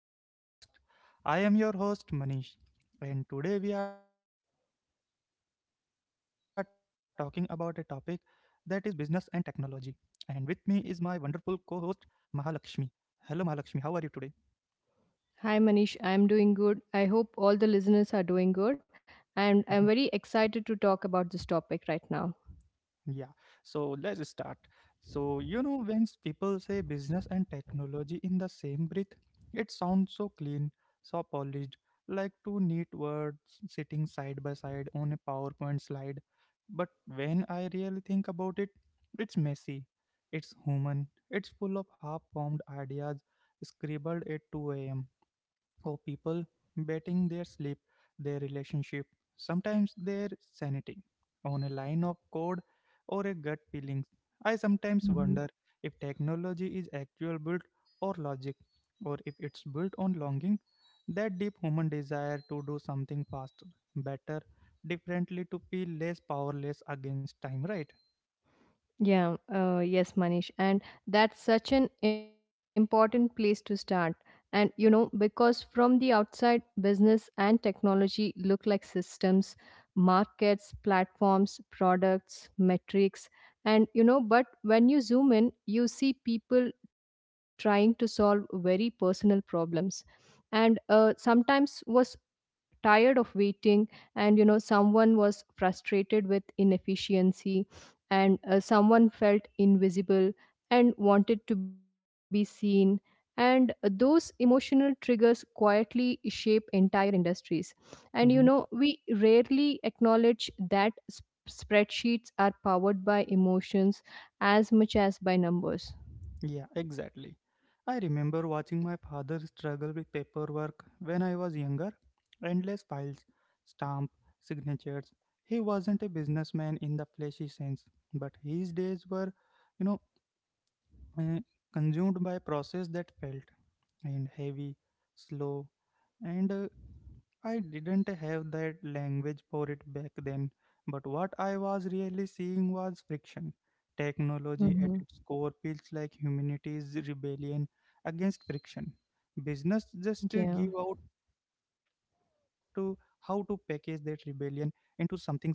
the podcast. I am your host, Manish, and today we are talking about a topic that is business and technology. And with me is my wonderful co host, Mahalakshmi. Hello, Mahalakshmi, how are you today? Hi Manish, I'm doing good. I hope all the listeners are doing good. And Mm-hmm. I'm very excited to talk about this topic right now. Yeah, so let's start. So, when people say business and technology in the same breath, it sounds so clean, so polished, like two neat words sitting side by side on a PowerPoint slide. But when I really think about it, it's messy, it's human, it's full of half formed ideas scribbled at 2 a.m for people betting their sleep, their relationship, sometimes their sanity, on a line of code or a gut feeling. I sometimes Mhm. wonder if technology is actual built or logic, or if it's built on longing, that deep human desire to do something faster, better, differently, to feel less powerless against time, right? Yeah, yes, Manish. And that's such an important place to start. Because from the outside, business and technology look like systems, markets, platforms, products, metrics. But when you zoom in, you see people trying to solve very personal problems. And Sometimes was tired of waiting, and someone was frustrated with inefficiency, and someone felt invisible and wanted to be seen, and those emotional triggers quietly shape entire industries, and Mm-hmm. we rarely acknowledge that spreadsheets are powered by emotions as much as by numbers. Yeah, exactly. I remember watching my father struggle with paperwork when I was younger. Endless files, stamp, signatures. He wasn't a businessman in the fleshy sense, but his days were, you know, uh, consumed by a process that felt and heavy, slow, and I didn't have that language for it back then, but what I was really seeing was friction. Technology Mm-hmm. at its core feels like humanity's rebellion against friction. Business Yeah. just to give out to how to package that rebellion into something sustainable, right?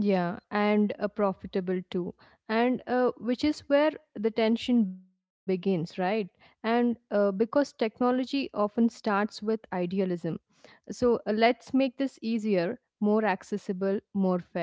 Yeah, and Profitable too. And which is where the tension begins, right? And because technology often starts with idealism, so let's make this easier, more accessible, more fair.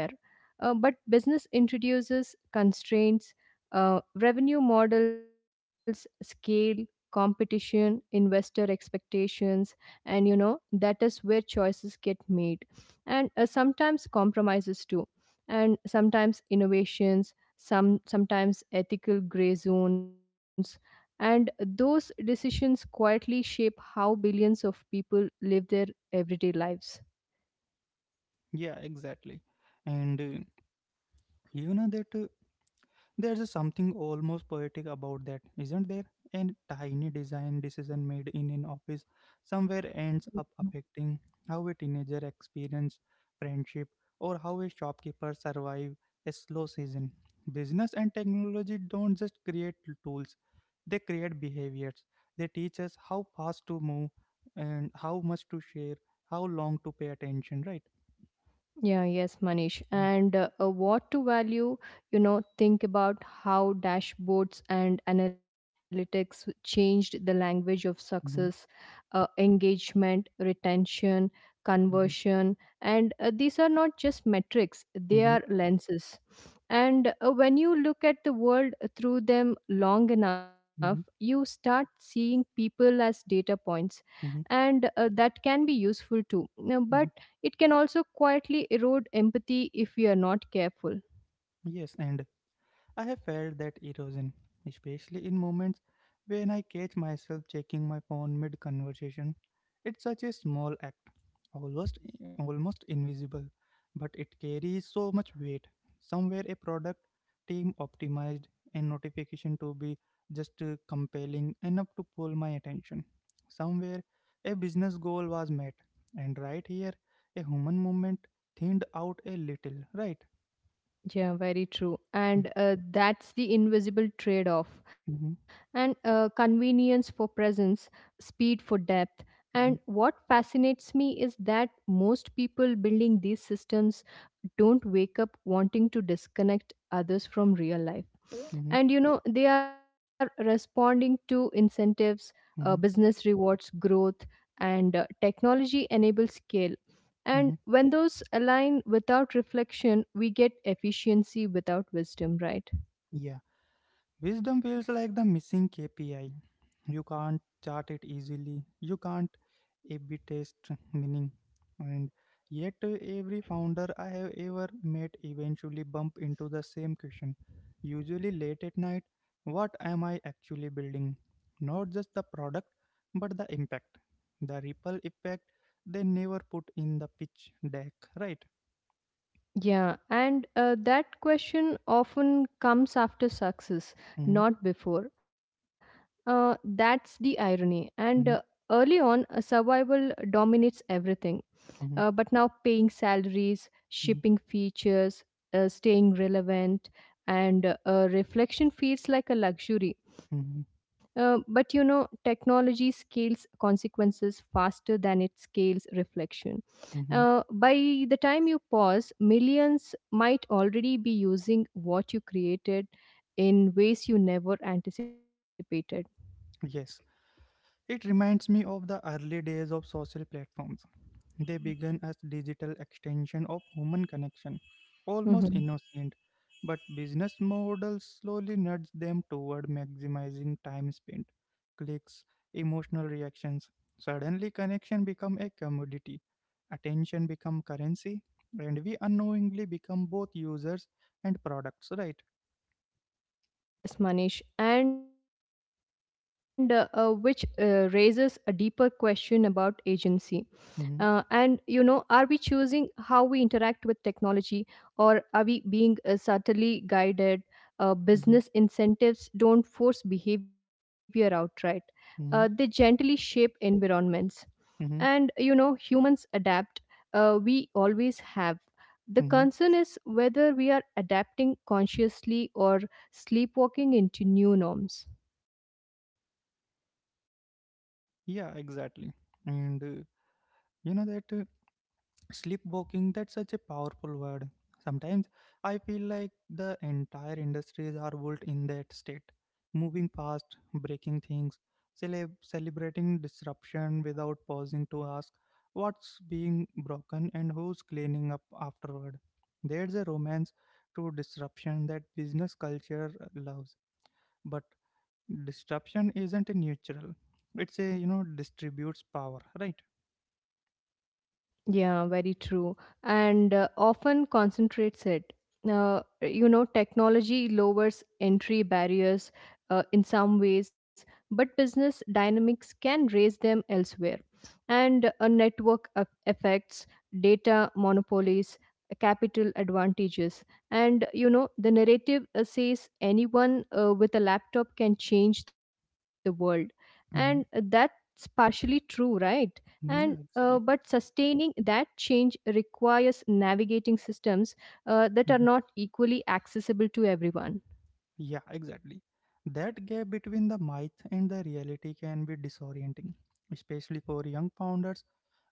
But business introduces constraints, revenue models, scale, competition, investor expectations, and you know, that is where choices get made. And Sometimes compromises too, and sometimes innovations, sometimes ethical gray zones. And those decisions quietly shape how billions of people live their everyday lives. Yeah, exactly. And you know that There's a something almost poetic about that, isn't there? And tiny design decision made in an office somewhere Mhm. ends up affecting how a teenager experiences friendship or how a shopkeeper survives a slow season. Business and technology don't just create tools, they create behaviors. They teach us how fast to move and how much to share, how long to pay attention, right? Yeah, yes, Manish. Mhm, And what to value, you know, think about how dashboards and analytics changed the language of success, mhm, engagement, retention, mhm, conversion. And These are not just metrics, they are mhm, lenses. And When you look at the world through them long enough, you mhm, start seeing people as data points, mhm, and that can be useful too. Now, but mhm. it can also quietly erode empathy if we are not careful. Yes, and I have felt that erosion, especially in moments when I catch myself checking my phone mid conversation. It's such a small act, almost almost invisible, but it carries so much weight. Somewhere a product team optimized a notification to be just compelling enough to pull my attention. Somewhere a business goal was met, and right here a human moment thinned out a little, right? Yeah, very true. And That's the invisible trade off. Mm-hmm, And Convenience for presence, speed for depth. And what fascinates me is that most people building these systems don't wake up wanting to disconnect others from real life. hmm, And you know, they are responding to incentives, hmm. business rewards, growth, and technology enables scale. And Mhm. when those align without reflection, we get efficiency without wisdom, right? Yeah, wisdom feels like the missing KPI. You can't chart it easily. You can't A/B test meaning, and yet every founder I have ever met eventually bump into the same question. Usually late at night, what am I actually building? Not just the product, but the impact, the ripple effect. They never put in the pitch deck, right? Yeah, and That question often comes after success, Mm-hmm, not before. That's the irony. And mm-hmm, early on, survival dominates everything. uh, mm-hmm, but now paying salaries, mm-hmm, shipping features, staying relevant, and reflection feels like a luxury. mm-hmm. But you know, technology scales consequences faster than it scales reflection. Mm-hmm. By the time you pause, millions might already be using what you created in ways you never anticipated. Yes, it reminds me of the early days of social platforms. They began as digital extension of human connection, almost Mm-hmm. innocent, but business models slowly nudged them toward maximizing time spent, clicks, emotional reactions. Suddenly connection become a commodity, attention become currency, and we unknowingly become both users and products, right? Yeah, yes, Manish. And which raises a deeper question about agency. And you know, are we Mhm, choosing how we interact with technology, or are we being subtly guided? Business mhm, incentives don't force behavior outright; they gently mhm, shape environments. And you mhm, know, humans adapt. We always have. The mhm. concern is whether we are adapting consciously or sleepwalking into new norms. Yeah, exactly. And you know that Sleepwalking, that's such a powerful word. Sometimes I feel like the entire industries are built in that state. Moving fast, breaking things, celebrating disruption without pausing to ask what's being broken and who's cleaning up afterward. There's a romance to disruption that business culture loves. But disruption isn't a neutral. It's a, you know, distributes power, right? Yeah, very true. And Often concentrates it. You know, technology lowers entry barriers in some ways, but business dynamics can raise them elsewhere. And a network of effects, data monopolies, capital advantages. And, you know, the narrative says anyone with a laptop can change the world. And Mhm. That's partially true, right? And Yeah, but exactly. sustaining that change requires navigating systems Mm-hmm. that are not equally accessible to everyone. Yeah, exactly. That gap between the myth and the reality can be disorienting, especially for young founders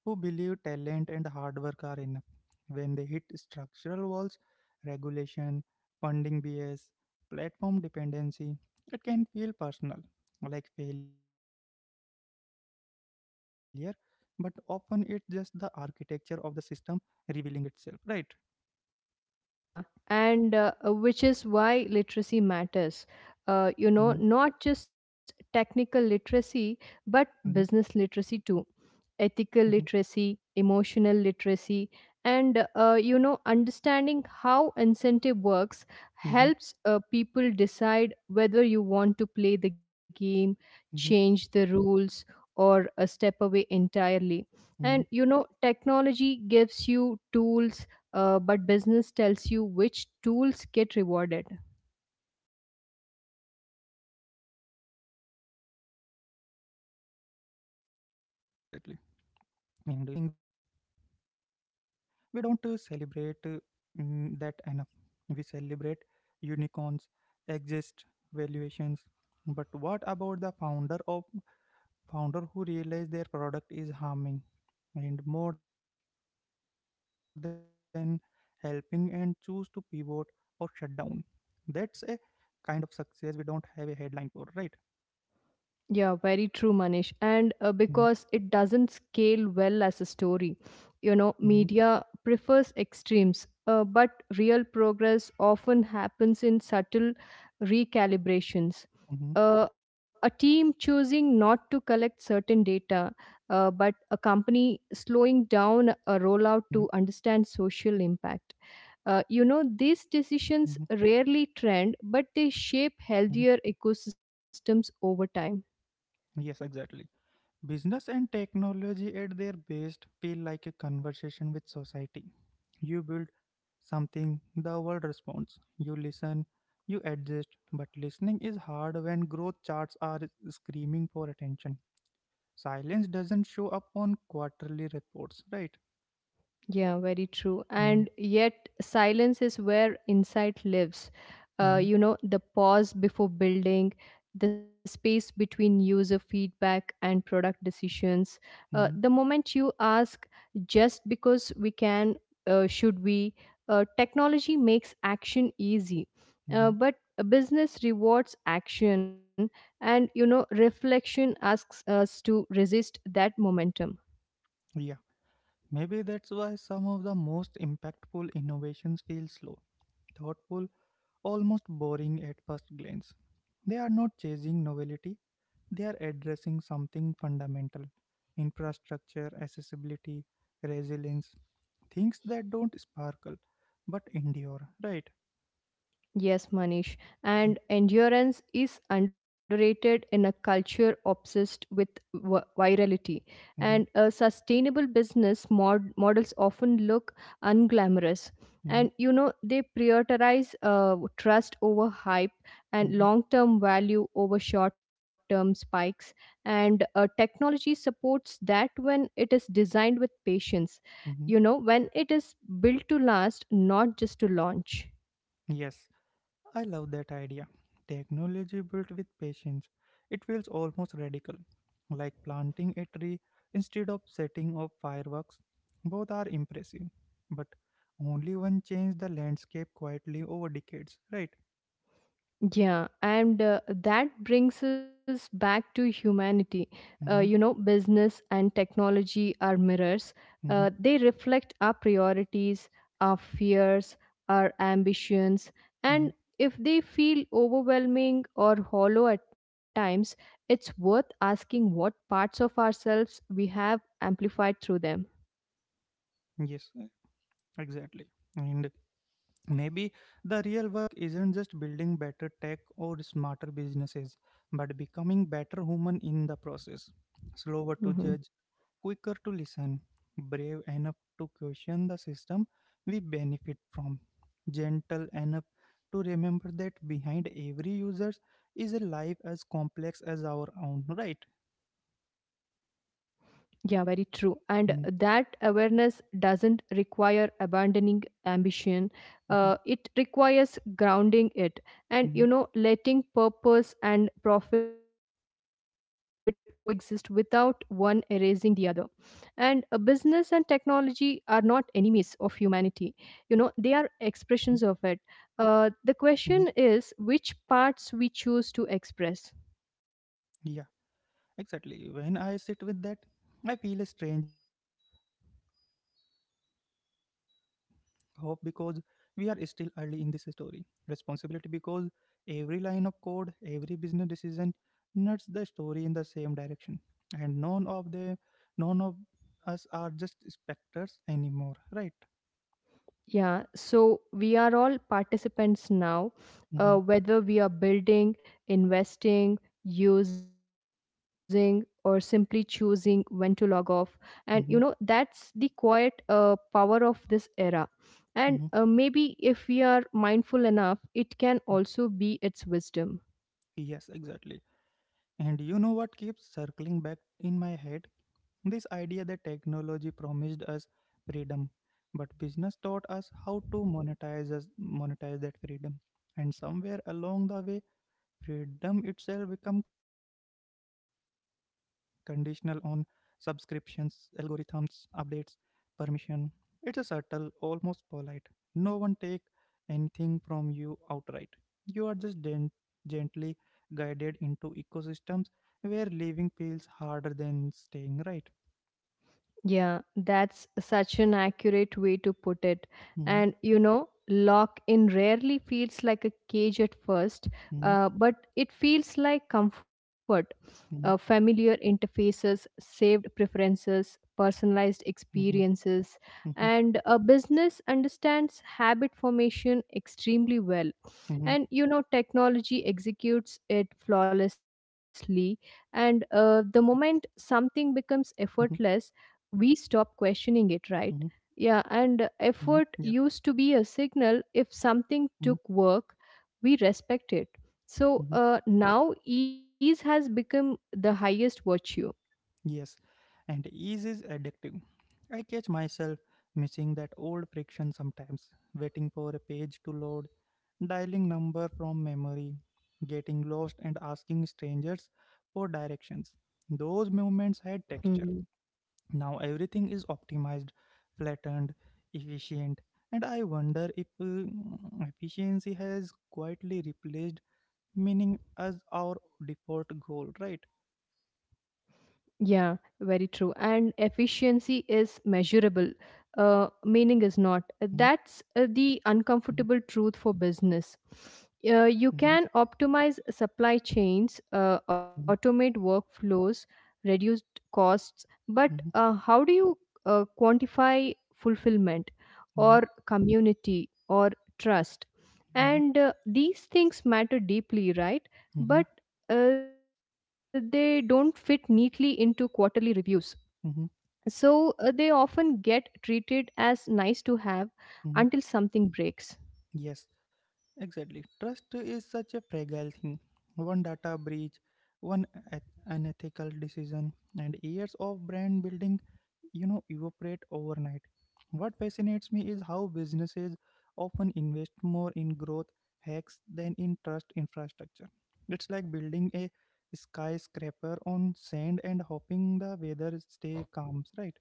who believe talent and hard work are enough. When they hit structural walls, regulation, funding bias, platform dependency, it can feel personal, like failure, but often it's just the architecture of the system revealing itself, right? Yeah, and which is why literacy matters. Hmm, You know, not just technical literacy, but hmm, business literacy too, ethical hmm, literacy, emotional literacy, and you know, understanding how incentive works hmm, helps people decide whether you want to play the game, hmm, change the rules, or step away entirely. And hmm, you know, technology gives you tools, but business hmm. tells you which tools get rewarded. Yeah, yeah, exactly. And I think there's a quiet courage in stepping away. We don't celebrate that enough. We celebrate unicorns, exist valuations. But what about the founder of founder who realize their product is harming and more than helping and choose to pivot or shut down? That's a kind of success we don't have a headline for, right? Yeah, very true, Manish. And Mm-hmm, because it doesn't scale well as a story, you know, hmm, media prefers extremes, but real progress often happens in subtle recalibrations. hmm, A team choosing not to collect certain data, but a company slowing down hmm, a rollout to understand social impact. You know, these decisions rarely trend, but they shape hmm. healthier ecosystems over time. Yes, exactly. Business and technology at their best feel like a conversation with society. You build something, the world responds. You listen, you adjust, but listening is hard when growth charts are screaming for attention. Silence doesn't show up on quarterly reports, right? Yeah, very true. Hmm, And yet, silence is where insight lives. Hmm, You know, the pause before building, the space between user feedback and product decisions. The hmm, moment you ask, just because we can, should we? Technology makes action easy. Uh, hmm. but a business rewards action, and you know, reflection asks us to resist that momentum. Yeah, maybe that's why some of the most impactful innovations feel slow, thoughtful, almost boring at first glance. They are not chasing novelty. They are addressing something fundamental infrastructure, accessibility, resilience, things that don't sparkle but endure, right? Yes, Manish. Mhm, And endurance is underrated in a culture obsessed with virality. And mhm, a sustainable business models often look unglamorous. mhm, And you know, they prioritize trust over hype and mhm, long term value over short term spikes. And Technology supports that when it is designed with patience, mhm. you know, when it is built to last, not just to launch. Yes, I love that idea. Technology built with patience. It feels almost radical, like planting a tree instead of setting off fireworks. Both are impressive, but only one changed the landscape quietly over decades, right? Yeah, and That brings us back to humanity. You know, Mm-hmm, business and technology are mirrors. Mm-hmm, They reflect our priorities, our fears, our ambitions, mm-hmm. and if they feel overwhelming or hollow at times, it's worth asking what parts of ourselves we have amplified through them. Yes, exactly. And maybe the real work isn't just building better tech or smarter businesses, but becoming better human in the process. Slower to Mhm. judge, quicker to listen, brave enough to question the system we benefit from, gentle enough to remember that behind every user is a life as complex as our own, right? Yeah, very true. And that Mhm, awareness doesn't require abandoning ambition. It mhm, requires grounding it, and, you know, mhm, letting purpose and profit coexist without one erasing the other. And Business and mhm, technology are not enemies of humanity, you know, they are mhm, expressions of it. The mhm. question is which parts we choose to express. Yeah. Exactly. When I sit with that, I feel a strange mix of hope and responsibility. Hope because we are still early in this story. Responsibility because every line of code, every business decision nuts the story in the same direction. And none of them, none of us are just specters anymore, right? Yeah, so we are all participants now, Hmm, whether we are building, investing, using, or simply choosing when to log off. And you know, hmm, that's the quiet power of this era. And hmm. Maybe if we are mindful enough, it can also be its wisdom. Yes, exactly. And you know what keeps circling back in my head? This idea that technology promised us freedom, but business taught us how to monetize that freedom. And somewhere along the way, freedom itself become conditional, conditional on subscriptions, algorithms, updates, permission. It's a subtle, almost polite. No one take anything from you outright. You are just gently guided into ecosystems where living feels harder than staying right. Yeah, that's such an accurate way to put it. Hmm. And you know, lock in rarely feels like a cage at first, Mhm, but it feels like comfort. Mhm, Familiar interfaces, saved preferences, personalized mhm, experiences, mhm, and a business understands habit formation extremely well, mhm, and you know technology executes it flawlessly, and the moment something becomes mhm, effortless we stop questioning it, mhm, right? Yeah, and mhm, effort yeah, used to be a signal. If something mhm, took work, we respect it. so mhm, uh, now ease has become the highest virtue. yes, and ease is addictive. I catch myself missing that old friction sometimes, waiting for a page to load, dialing number from memory, getting lost and asking strangers for directions. Those moments had texture. Now everything is optimized, flattened, efficient, and I wonder if efficiency has quietly replaced meaning as our default goal, right? Yeah, very true. And efficiency is measurable, meaning is Mhm, not. That's the mhm, uncomfortable truth for business. Mhm, You can optimize supply chains, mhm, automate workflows, reduce costs, but mhm, uh, how do you quantify fulfillment or community or trust? mhm, And These things matter deeply, right? mhm, But they don't fit neatly into quarterly reviews. mhm, So they often get treated as nice to have until mhm. something breaks. Yes, exactly. Trust is such a fragile thing. One data breach, one unethical decision, and years of brand building, you know, evaporate overnight. What fascinates me is how businesses often invest more in growth hacks than in trust infrastructure. It's like building a skyscraper on sand and hoping the weather stay calm, right?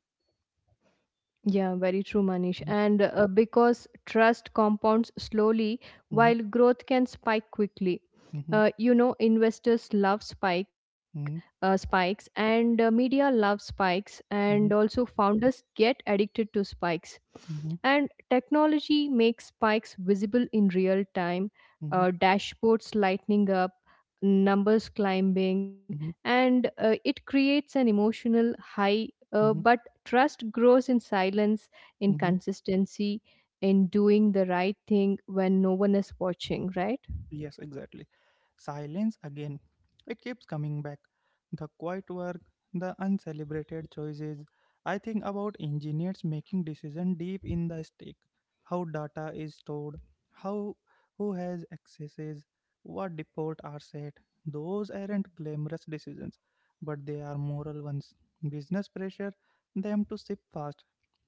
Yeah, very true, Manish. Mhm, And because trust compounds slowly, mhm, while growth can spike quickly. mhm, You know, investors love mhm, spikes, and media love spikes, and mhm, also founders get addicted to spikes. mhm, And technology makes spikes visible in real time. mhm, Dashboards lightening up, numbers climbing, mhm, and it creates an emotional high. Uh, mhm, but trust grows in silence, in mhm. consistency, in doing the right thing when no one is watching, right? Yes, exactly. Silence again. It keeps coming back. The quiet work, the uncelebrated choices. I think about engineers making decisions deep in the stack. How data is stored, how who has accesses, what default are set. Those aren't glamorous decisions, but they are moral ones. Business pressure them to ship fast.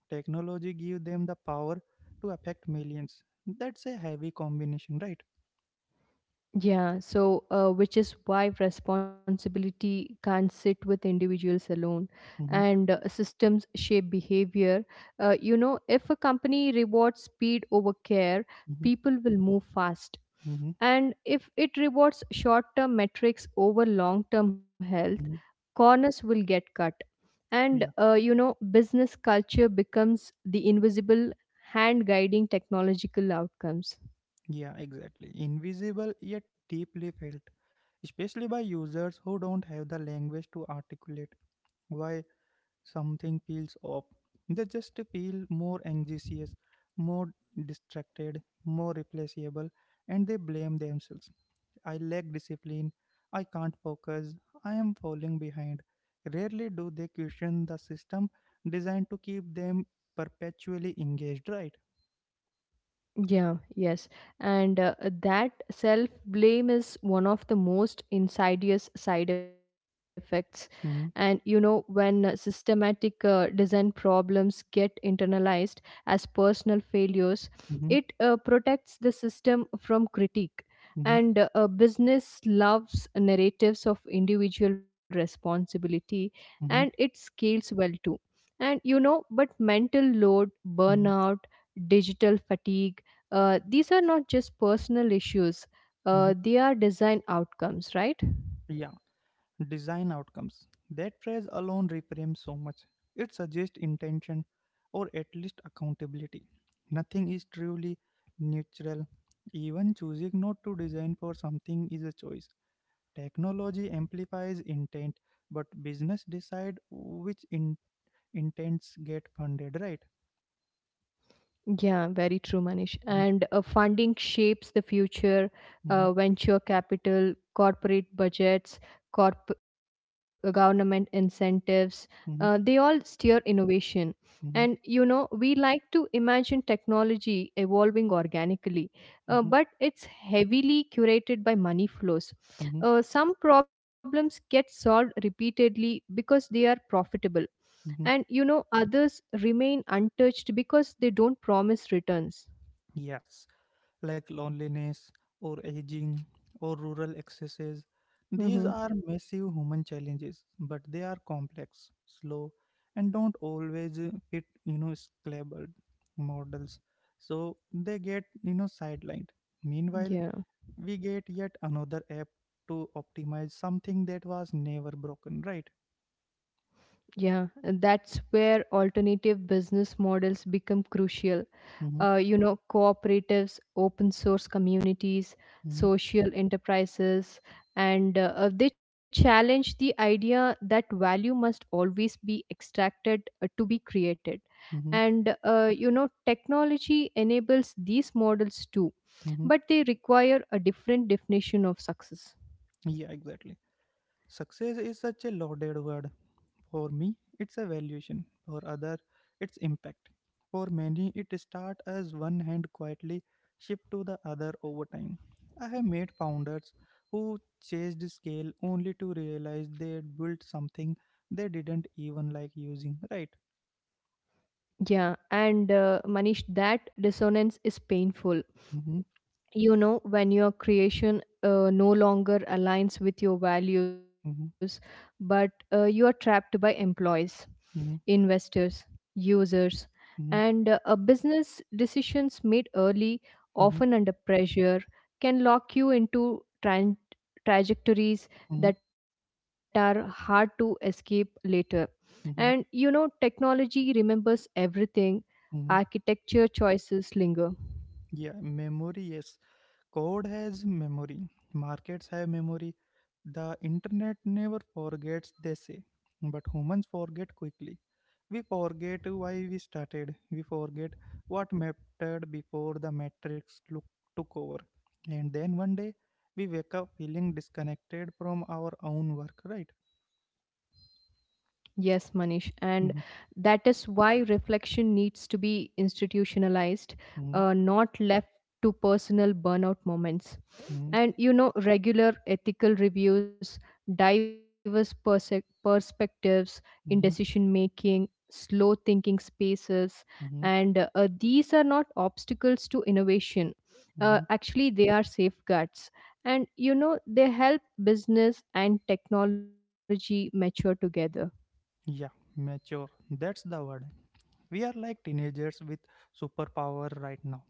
Technology give them the power to affect millions. That's a heavy combination, right? Which is why responsibility can't sit with individuals alone, Mm-hmm. and systems shape behavior. You know, if a company rewards speed over care, Mm-hmm. people will move fast. Hmm, And if it rewards short term metrics over long term health, hmm. corners will get cut. and Yeah, uh, you know, business culture becomes the invisible hand guiding technological outcomes. yeah, exactly. Invisible yet deeply felt, especially by users who don't have the language to articulate why something feels off. They just feel more anxious, more distracted, more replaceable, and they blame themselves. I lack discipline. I can't focus. I am falling behind. Rarely do they question the system designed to keep them perpetually engaged, right? Yeah, yes. And That self blame is one of the most insidious side effects. And you know, Mm-hmm, when systematic design problems get internalized as personal failures, it mm-hmm, protects the system from critique. And Business loves narratives of individual responsibility, and mm-hmm. it scales well too. And you know, but mental load, Mhm, burnout, digital fatigue. These are not just personal issues, mhm. They are design outcomes, right? Yeah, design outcomes. That phrase alone reframes so much. It suggests intention or at least accountability. Nothing is truly neutral. Even choosing not to design for something is a choice. Technology amplifies intent, but business decide which intents get funded, right? Yeah, very true, Manish. Mhm, And Funding shapes the future, mhm, venture capital, corporate budgets, government incentives. They all mhm, steer innovation. And you mhm, know, we like to imagine technology evolving organically, uh, mhm, but it's heavily curated by money flows. mhm, Some problems get solved repeatedly because they are profitable, mhm. and others remain untouched because they don't promise returns. Yes, like loneliness or aging or rural excesses. These Hmm. are massive human challenges, but they are complex, slow, and don't always fit, scalable models. So they get, sidelined. Meanwhile, Yeah. we get yet another app to optimize something that was never broken, right? Yeah, and that's where alternative business models become crucial. Mm-hmm, cooperatives, open source communities, mm-hmm, social enterprises. And they challenge the idea that value must always be extracted to be created. mm-hmm, And technology enables these models too, mm-hmm. but they require a different definition of success. Yeah, exactly. Success is such a loaded word. For me, it's a valuation. For other, it's impact. For many, it start as one hand quietly shift to the other over time. I have made founders who chased scale only to realize they had built something they didn't even like using, right? Yeah, and Manish, that dissonance is painful. Mm-hmm, You know, when your creation no longer aligns with your values, mm-hmm, but you are trapped by employees, investors, users, and mm-hmm, a business decisions made early, mm-hmm, often under pressure, can lock you into tran trajectories mm-hmm, that are hard to escape later. And mm-hmm, technology remembers everything, mm-hmm. architecture choices linger. Yeah, memory. Yes, code has memory, markets have memory. The internet never forgets, they say. But humans forget quickly. We forget why we started. We forget what mattered before the matrix look, took over. And then one day, we wake up feeling disconnected from our own work, right? Yes, Manish, and Mhm, that is why reflection needs to be institutionalized, mhm, not left to personal burnout moments. mhm, And regular ethical reviews, diverse perspectives in decision mhm, making, slow thinking spaces, mhm, and these are not obstacles to innovation. Uh, mhm. actually, they are safeguards. And they help business and technology mature together. Yeah, mature. That's the word. We are like teenagers with superpower right now,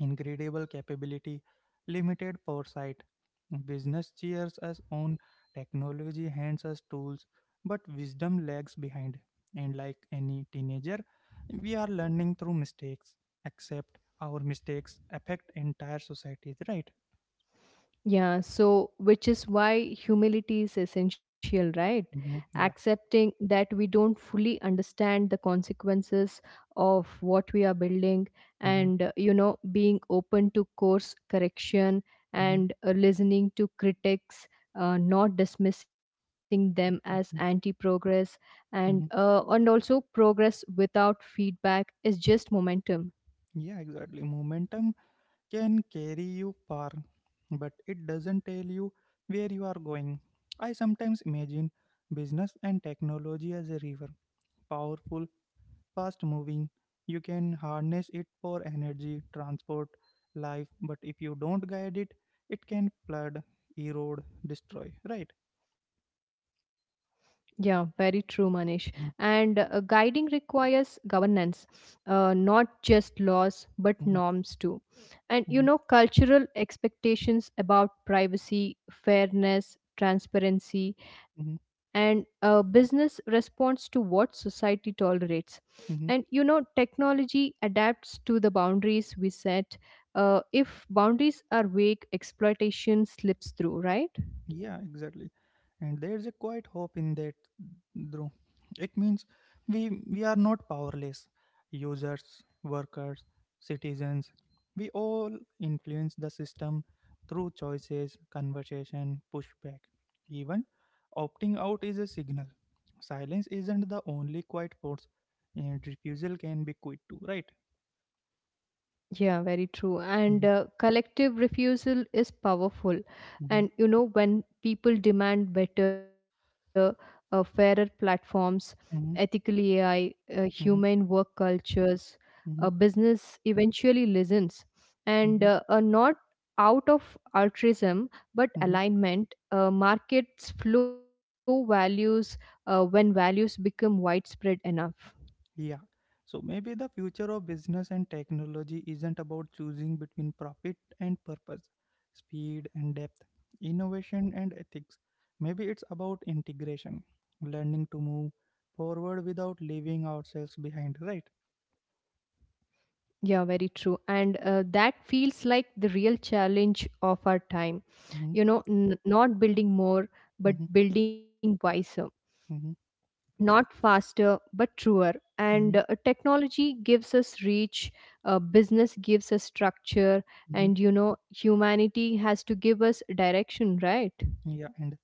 incredible capability, limited foresight. Business cheers us on, technology hands us tools, but wisdom lags behind. And like any teenager, we are learning through mistakes, except our mistakes affect entire societies, right? Yeah, so which is why humility is essential, right? Hmm. Yeah. Accepting that we don't fully understand the consequences of what we are building, Mm-hmm. and being open to course correction Mm-hmm. and listening to critics. Not dismissing them as Mm-hmm. anti-progress, and Mm-hmm. Also progress without feedback is just momentum. Yeah, exactly. Momentum can carry you far, but it doesn't tell you where you are going. I sometimes imagine business and technology as a river, powerful, fast moving. You can harness it for energy, transport, life, but if you don't guide it, it can flood, erode, destroy. Right? Yeah, very true, Manish. Mhm, And guiding requires governance, not just laws, but mhm, norms too. And mhm, cultural expectations about privacy, fairness, transparency, mhm, and business responds to what society tolerates. mhm. And technology adapts to the boundaries we set. If boundaries are vague, exploitation slips through, right? Yeah, exactly. And there's a quiet hope in that, Dhruv. It means we are not powerless. Users, workers, citizens, we all influence the system through choices, conversation, pushback. Even opting out is a signal. Silence isn't the only quiet force, and refusal can be quit too, right? Yeah, very true. And Mm-hmm, collective refusal is powerful. mm-hmm, And when people demand better, fairer platforms, ethical mm-hmm, AI, human work mm-hmm, cultures, mm-hmm, business eventually listens. And mm-hmm, not out of altruism, but mm-hmm. alignment. Markets flow values when values become widespread enough. Yeah. So maybe the future of business and technology isn't about choosing between profit and purpose, speed and depth, innovation and ethics. Maybe it's about integration, learning to move forward without leaving ourselves behind, right? Yeah, very true. And that feels like the real challenge of our time. You Mm-hmm, know, not building more, but mm-hmm, building wiser. mm-hmm, Not faster, but truer. And mm-hmm, technology gives us reach, business gives us structure, mm-hmm. and humanity has to give us direction, right? Yeah, and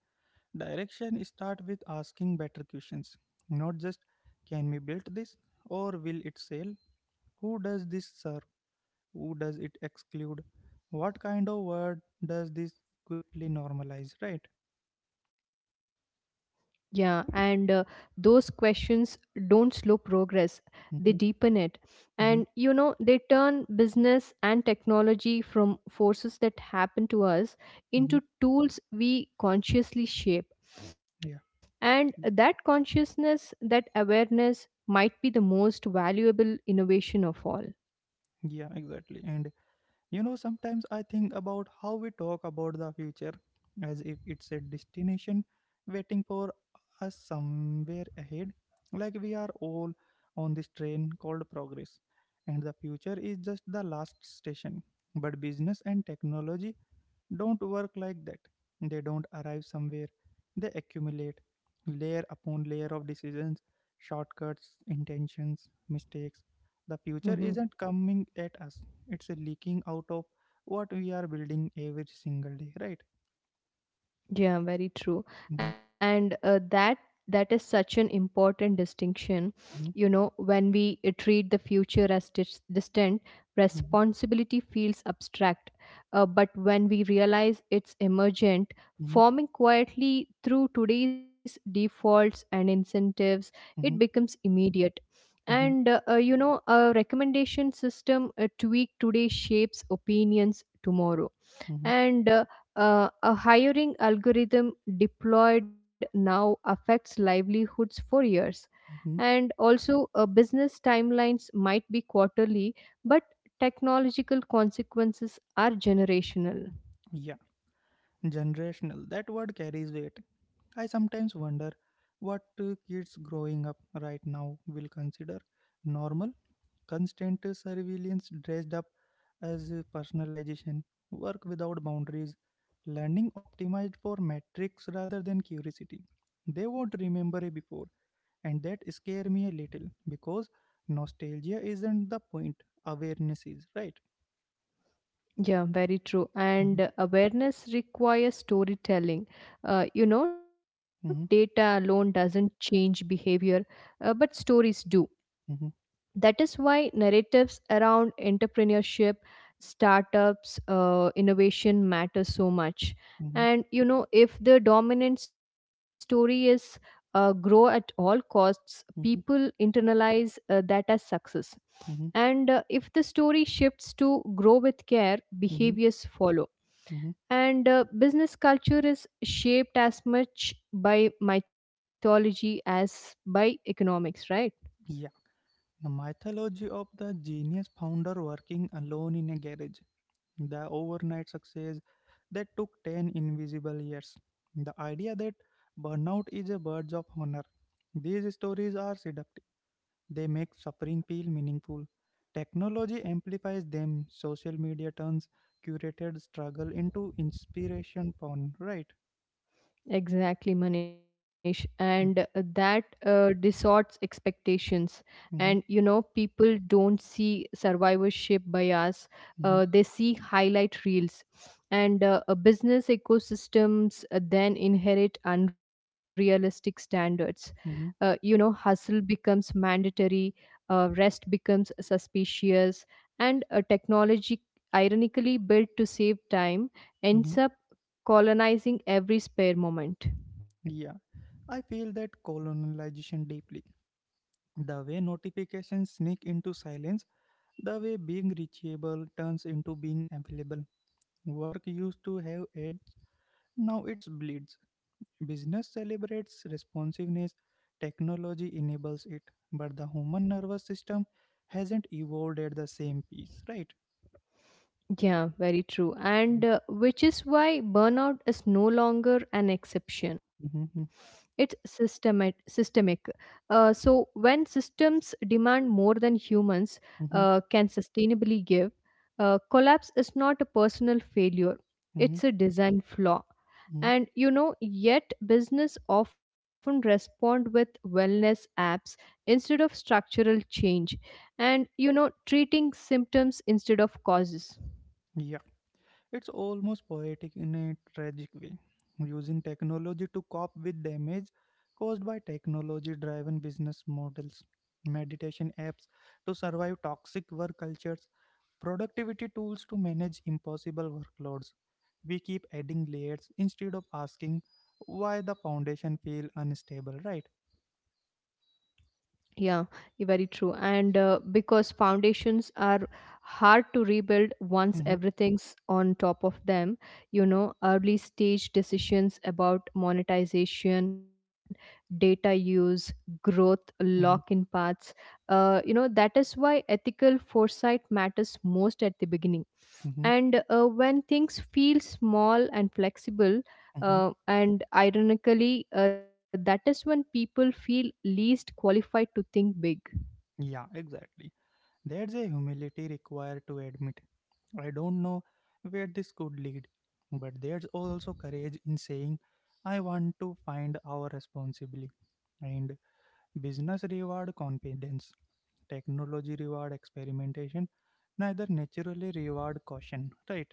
direction start with asking better questions, not just can we build this or will it sell? Who does this serve? Who does it exclude? What kind of word does this quickly normalize? Right? Yeah, and those questions don't slow progress, they Mm-hmm, deepen it. And mm-hmm, they turn business and technology from forces that happen to us mm-hmm. into tools we consciously shape. Yeah, And that consciousness, that awareness might be the most valuable innovation of all. yeah, exactly. And you know, sometimes I think about how we talk about the future as if it's a destination waiting for us somewhere ahead. Like we are all on this train called progress, and the future is just the last station. But business and technology don't work like that. They don't arrive somewhere, they accumulate layer upon layer of decisions, shortcuts, intentions, mistakes. The future isn't coming at us, it's leaking out of what we are building every single day, right? Yeah, very true. Mhm, And that is such an important distinction. mhm, You know, when we treat the future as distant, mhm, responsibility feels abstract. But when we realize it's emergent, mhm, forming quietly through today's defaults and incentives, it mhm, becomes immediate. And mhm, a recommendation system tweaked today shapes opinions tomorrow, mhm, and a hiring algorithm deployed now affects livelihoods for years. mhm. And also business timelines might be quarterly, but technological consequences are generational. Yeah, generational. That word carries weight. I sometimes wonder what kids growing up right now will consider normal. Constant surveillance dressed up as personalization, work without boundaries, learning optimized for metrics rather than curiosity. They won't remember a before, and that scare me a little because nostalgia isn't the point, awareness is, right? Yeah, very true. And Mhm, awareness requires storytelling. You know data alone mhm, doesn't change behavior, but stories do. mhm, That is why narratives around entrepreneurship, startups, innovation matter so much. mhm, And if the dominant story is grow at all costs, people mhm, internalize that as success. mhm, And if the story shifts to grow with care, mhm, behaviors follow. mhm. And business culture is shaped as much by mythology as by economics, right? Yeah, the mythology of the genius founder working alone in a garage, the overnight success that took 10 invisible years, the idea that burnout is a badge of honor. These stories are seductive, they make suffering feel meaningful. Technology amplifies them, social media turns curated struggle into inspiration porn, right? Exactly, Manish. And that distorts expectations. Mm-hmm. And people don't see survivorship bias, Hmm. They see highlight reels. And business ecosystems then inherit unrealistic standards. Hmm. Hustle becomes mandatory, rest becomes suspicious, and technology, ironically built to save time, Hmm. ends up colonizing every spare moment. Yeah, I feel that colonization deeply. The way notifications sneak into silence, the way being reachable turns into being available. Work used to have edge, now it bleeds. Business celebrates responsiveness, technology enables it, but the human nervous system hasn't evolved at the same pace, right? Yeah, very true. Mhm, And which is why burnout is no longer an exception. mhm, It's systemic. So when systems demand more than humans mhm, can sustainably give, collapse is not a personal failure, mhm, it's a design flaw. mhm. And yet business often respond with wellness apps instead of structural change, and treating symptoms instead of causes. Yeah, it's almost poetic in a tragic way. Using technology to cope with damage caused by technology driven business models, meditation apps to survive toxic work cultures, productivity tools to manage impossible workloads. We keep adding layers instead of asking why the foundation feel unstable, right? Yeah, very true. And because foundations are hard to rebuild once Mhm, everything's on top of them, you know, early stage decisions about monetization, data use, growth, lock in mhm, paths, that is why ethical foresight matters most at the beginning, mhm, and when things feel small and flexible, mhm. And ironically that is when people feel least qualified to think big. Yeah, exactly. There's a humility required to admit, I don't know where this could lead, but there's also courage in saying, I want to find our responsibly. And business reward confidence, technology reward experimentation, neither naturally reward caution, right?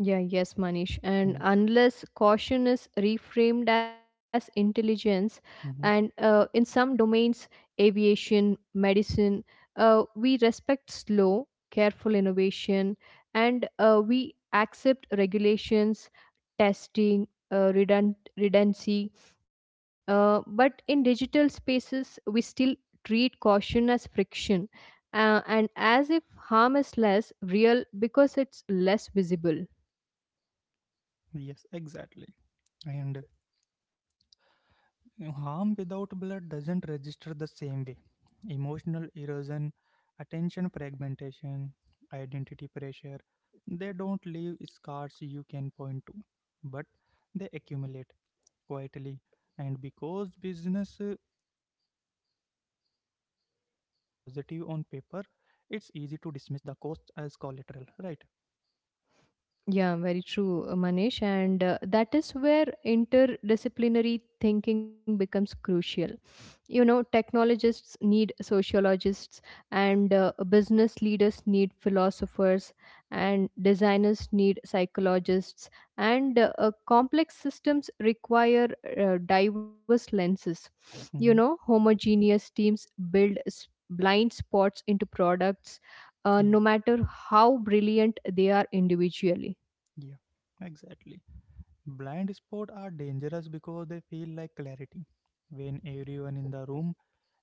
Yeah, yes, Manish. And Mm-hmm. unless caution is reframed as intelligence, and Mm-hmm. In some domains, aviation, medicine, we respect slow, careful innovation, and we accept regulations, testing, redundancy. But in digital spaces, we still treat caution as friction. And as if harm is less real because it's less visible. Yes, exactly. And harm without blood doesn't register the same way. Emotional erosion, attention fragmentation, identity pressure, they don't leave scars you can point to, but they accumulate quietly. And because business outcomes look positive on paper, it's easy to dismiss the cost as collateral, right? Yeah, very true, Manish. And that is where interdisciplinary thinking becomes crucial. You know, technologists need sociologists, and business leaders need philosophers, and designers need psychologists, and complex systems require diverse lenses. You know, Hmm. homogeneous teams build blind spots into products Yeah, no matter how brilliant they are individually. yeah, exactly. Blind spots are dangerous because they feel like clarity. When everyone in the room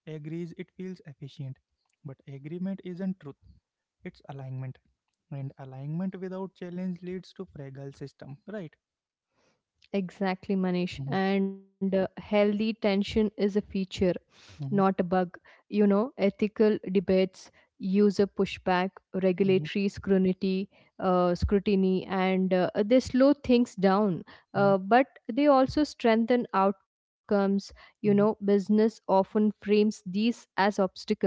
agrees, it feels efficient. But agreement isn't truth, it's alignment. And alignment without challenge leads to fragile system, right? Exactly, Manish. Hmm. And healthy tension is a feature, not a Hmm. bug. You know, ethical debates, user pushback, Hmm. regulatory scrutiny, and they slow things down. Hmm. But they also strengthen outcomes. You know, Hmm. business often frames these as obstacles,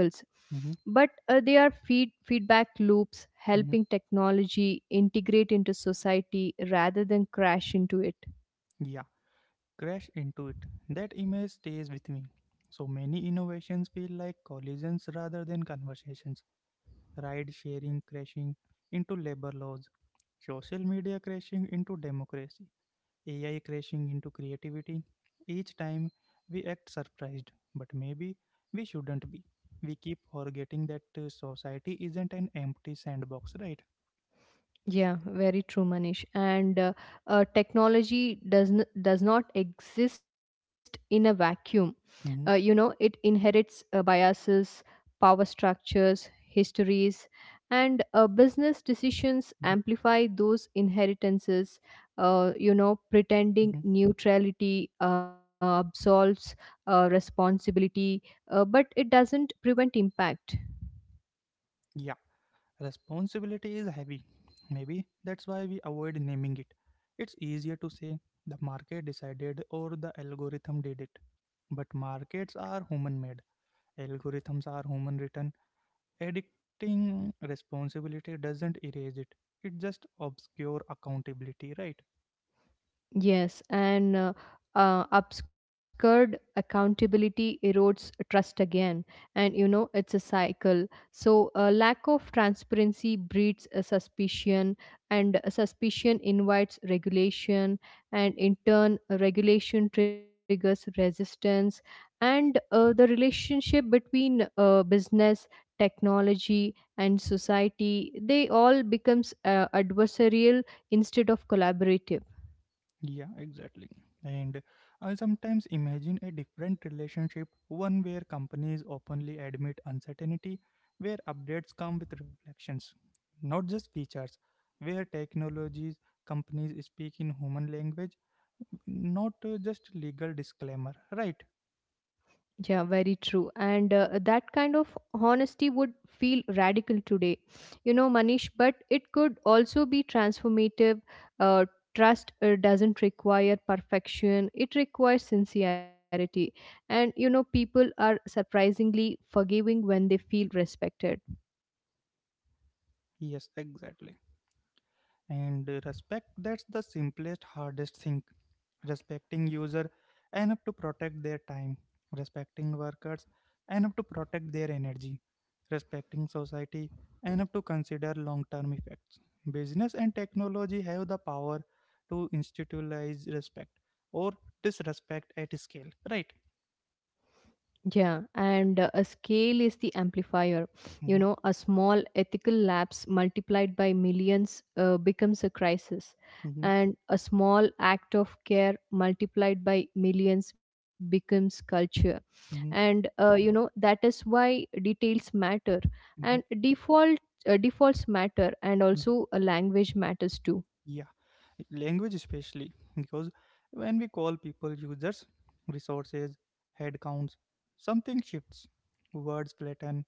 Hmm. but they are feedback loops Hmm. helping technology integrate into society rather than crash into it. Yeah, crash into it. That image stays with me. So many innovations feel like collisions rather than conversations. Ride sharing crashing into labor laws, social media crashing into democracy, AI crashing into creativity. Each time we act surprised, but maybe we shouldn't be. We keep forgetting that society isn't an empty sandbox, right? Yeah, very true, Manish. And technology does does not exist in a vacuum. Mm-hmm, It inherits biases, power structures, histories, and business mm-hmm, decisions amplify those inheritances. Mm-hmm. Pretending neutrality absolves responsibility, but it doesn't prevent impact. Yeah. Responsibility is heavy. Maybe that's why we avoid naming it. It's easier to say the market decided or the algorithm did it. But markets are human made, algorithms are human written. Addicting responsibility doesn't erase it, it just obscures accountability, right? Yes, and obscured accountability erodes trust again, and it's a cycle. So, lack of transparency breeds a suspicion, and a suspicion invites regulation, and in turn, a regulation triggers resistance. And the relationship between business, technology, and society they all becomes adversarial instead of collaborative. Yeah, exactly. And I sometimes imagine a different relationship, one where companies openly admit uncertainty, where updates come with reflections, not just features, where technologies companies speak in human language, not just legal disclaimer, right? Yeah, very true. And that kind of honesty would feel radical today, you know, Manish, but it could also be transformative. Uh, Trust doesn't require perfection, it requires sincerity. And, you know, people are surprisingly forgiving when they feel respected. Yes, exactly. And respect, that's the simplest hardest thing. Respecting user enough to protect their time, respecting workers enough to protect their energy, respecting society enough to consider long term effects. Business and technology have the power to institutionalize respect or disrespect at scale, right? Yeah, and a scale is the amplifier. You Mm-hmm, know, a small ethical lapse multiplied by millions becomes a crisis, mm-hmm, and a small act of care multiplied by millions becomes culture. And mm-hmm, that is why details matter, and mm-hmm, defaults matter, and mm-hmm. also a language matters too. Yeah, language especially because when we call people users, resources, headcounts, something shifts. Words flatten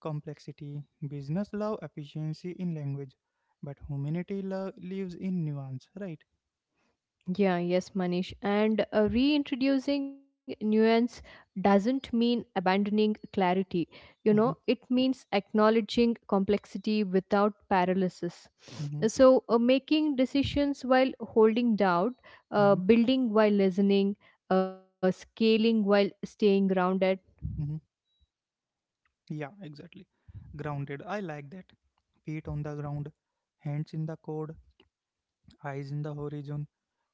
complexity, business love efficiency in language, but humanity lives in nuance, right? Yeah, yes, Manish. And reintroducing nuance doesn't mean abandoning clarity. You know, Mm-hmm, it means acknowledging complexity without paralysis. mm-hmm, So, making decisions while holding doubt, mm-hmm, building while listening, scaling while staying grounded. mm-hmm. Yeah, exactly. Grounded, I like that. Feet on the ground, hands in the code, eyes in the horizon.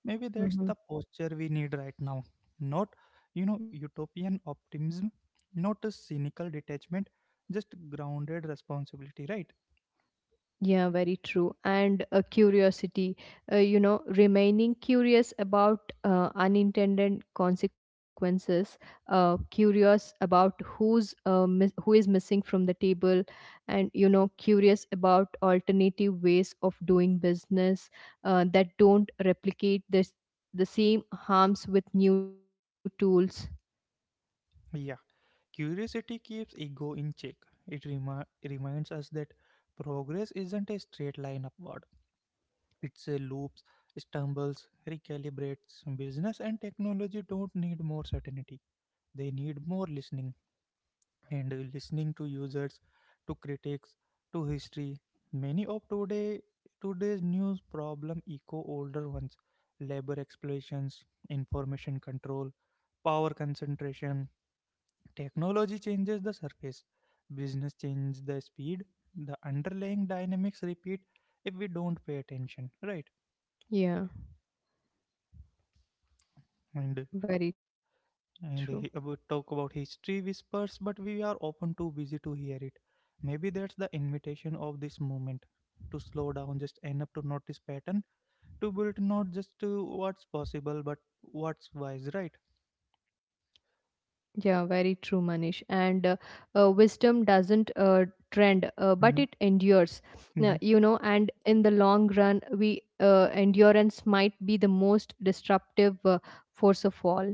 Maybe that's Mm-hmm. the posture we need right now. Not, you know, utopian optimism, not a cynical detachment, just grounded responsibility, right? Yeah, very true. And curiosity, remaining curious about unintended consequences, curious about who is missing from the table, and curious about alternative ways of doing business that don't replicate this the same harms with new tools. Yeah. Curiosity keeps ego in check. It reminds us that progress isn't a straight line upward. It's a loops, stumbles, recalibrates. Business and technology don't need more certainty. They need more listening. And listening to users, to critics, to history. Many of today's news problem echo older ones: labor exploitations, information control, power concentration. Technology changes the surface, business changes the speed. The underlying dynamics repeat if we don't pay attention, right? Yeah, And very true. He, we talk about history whispers but we are often too busy to hear it. Maybe that's the invitation of this moment, to slow down just enough to notice pattern, to build not just to what's possible but what's wise, right? Yeah, very true, Manish. And wisdom doesn't trend, but it Mhm, endures. Now, you know, mhm. and in the long run, we endurance might be the most disruptive force of all.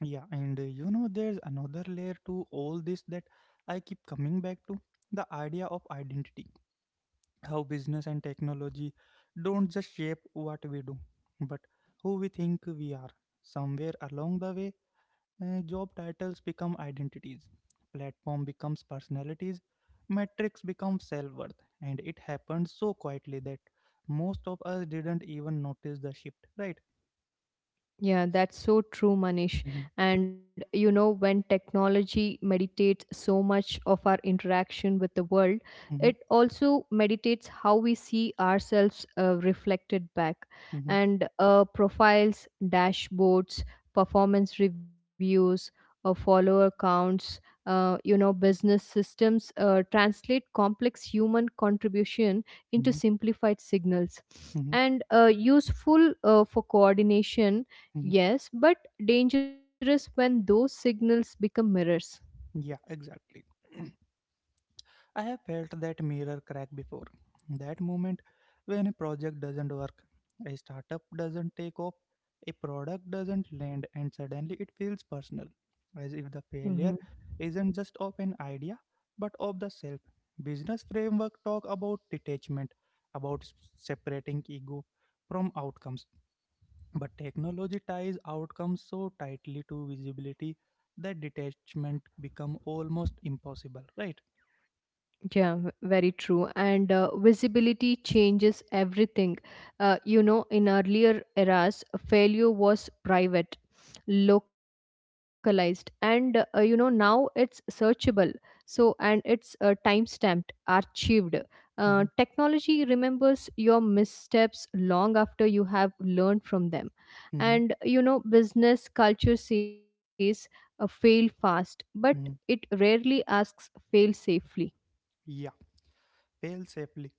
Yeah, and you know, there's another layer to all this that I keep coming back to, the idea of identity, how business and technology don't just shape what we do but who we think we are. Somewhere along the way, job titles become identities, platform becomes personalities, metrics become self worth, and it happened so quietly that most of us didn't even notice the shift, right? Yeah, that's so true, Manish. Mhm, And you know, when technology meditates so much of our interaction with the world, it mhm, also meditates how we see ourselves reflected back. mhm, And profiles, dashboards, performance reviews, follower counts, business systems translate complex human contribution into mhm, simplified signals mhm, and useful for coordination. mhm. Yes, but dangerous when those signals become mirrors. Yeah, exactly. I have felt that mirror crack before. That moment when a project doesn't work, a startup doesn't take off, a product doesn't land, and suddenly it feels personal, as if the Hmm. failure isn't just of an idea but of the self. Business framework talk about detachment, about separating ego from outcomes, but technology ties outcomes so tightly to visibility that detachment become almost impossible. Right? Yeah, very true. And visibility changes everything. In earlier eras, failure was private, localized, and now it's searchable. So, and it's time stamped, archived. Technology remembers your missteps long after you have learned from them. Hmm. And business culture says fail fast, but it Mhm. rarely asks fail safely. Yeah, fail safely.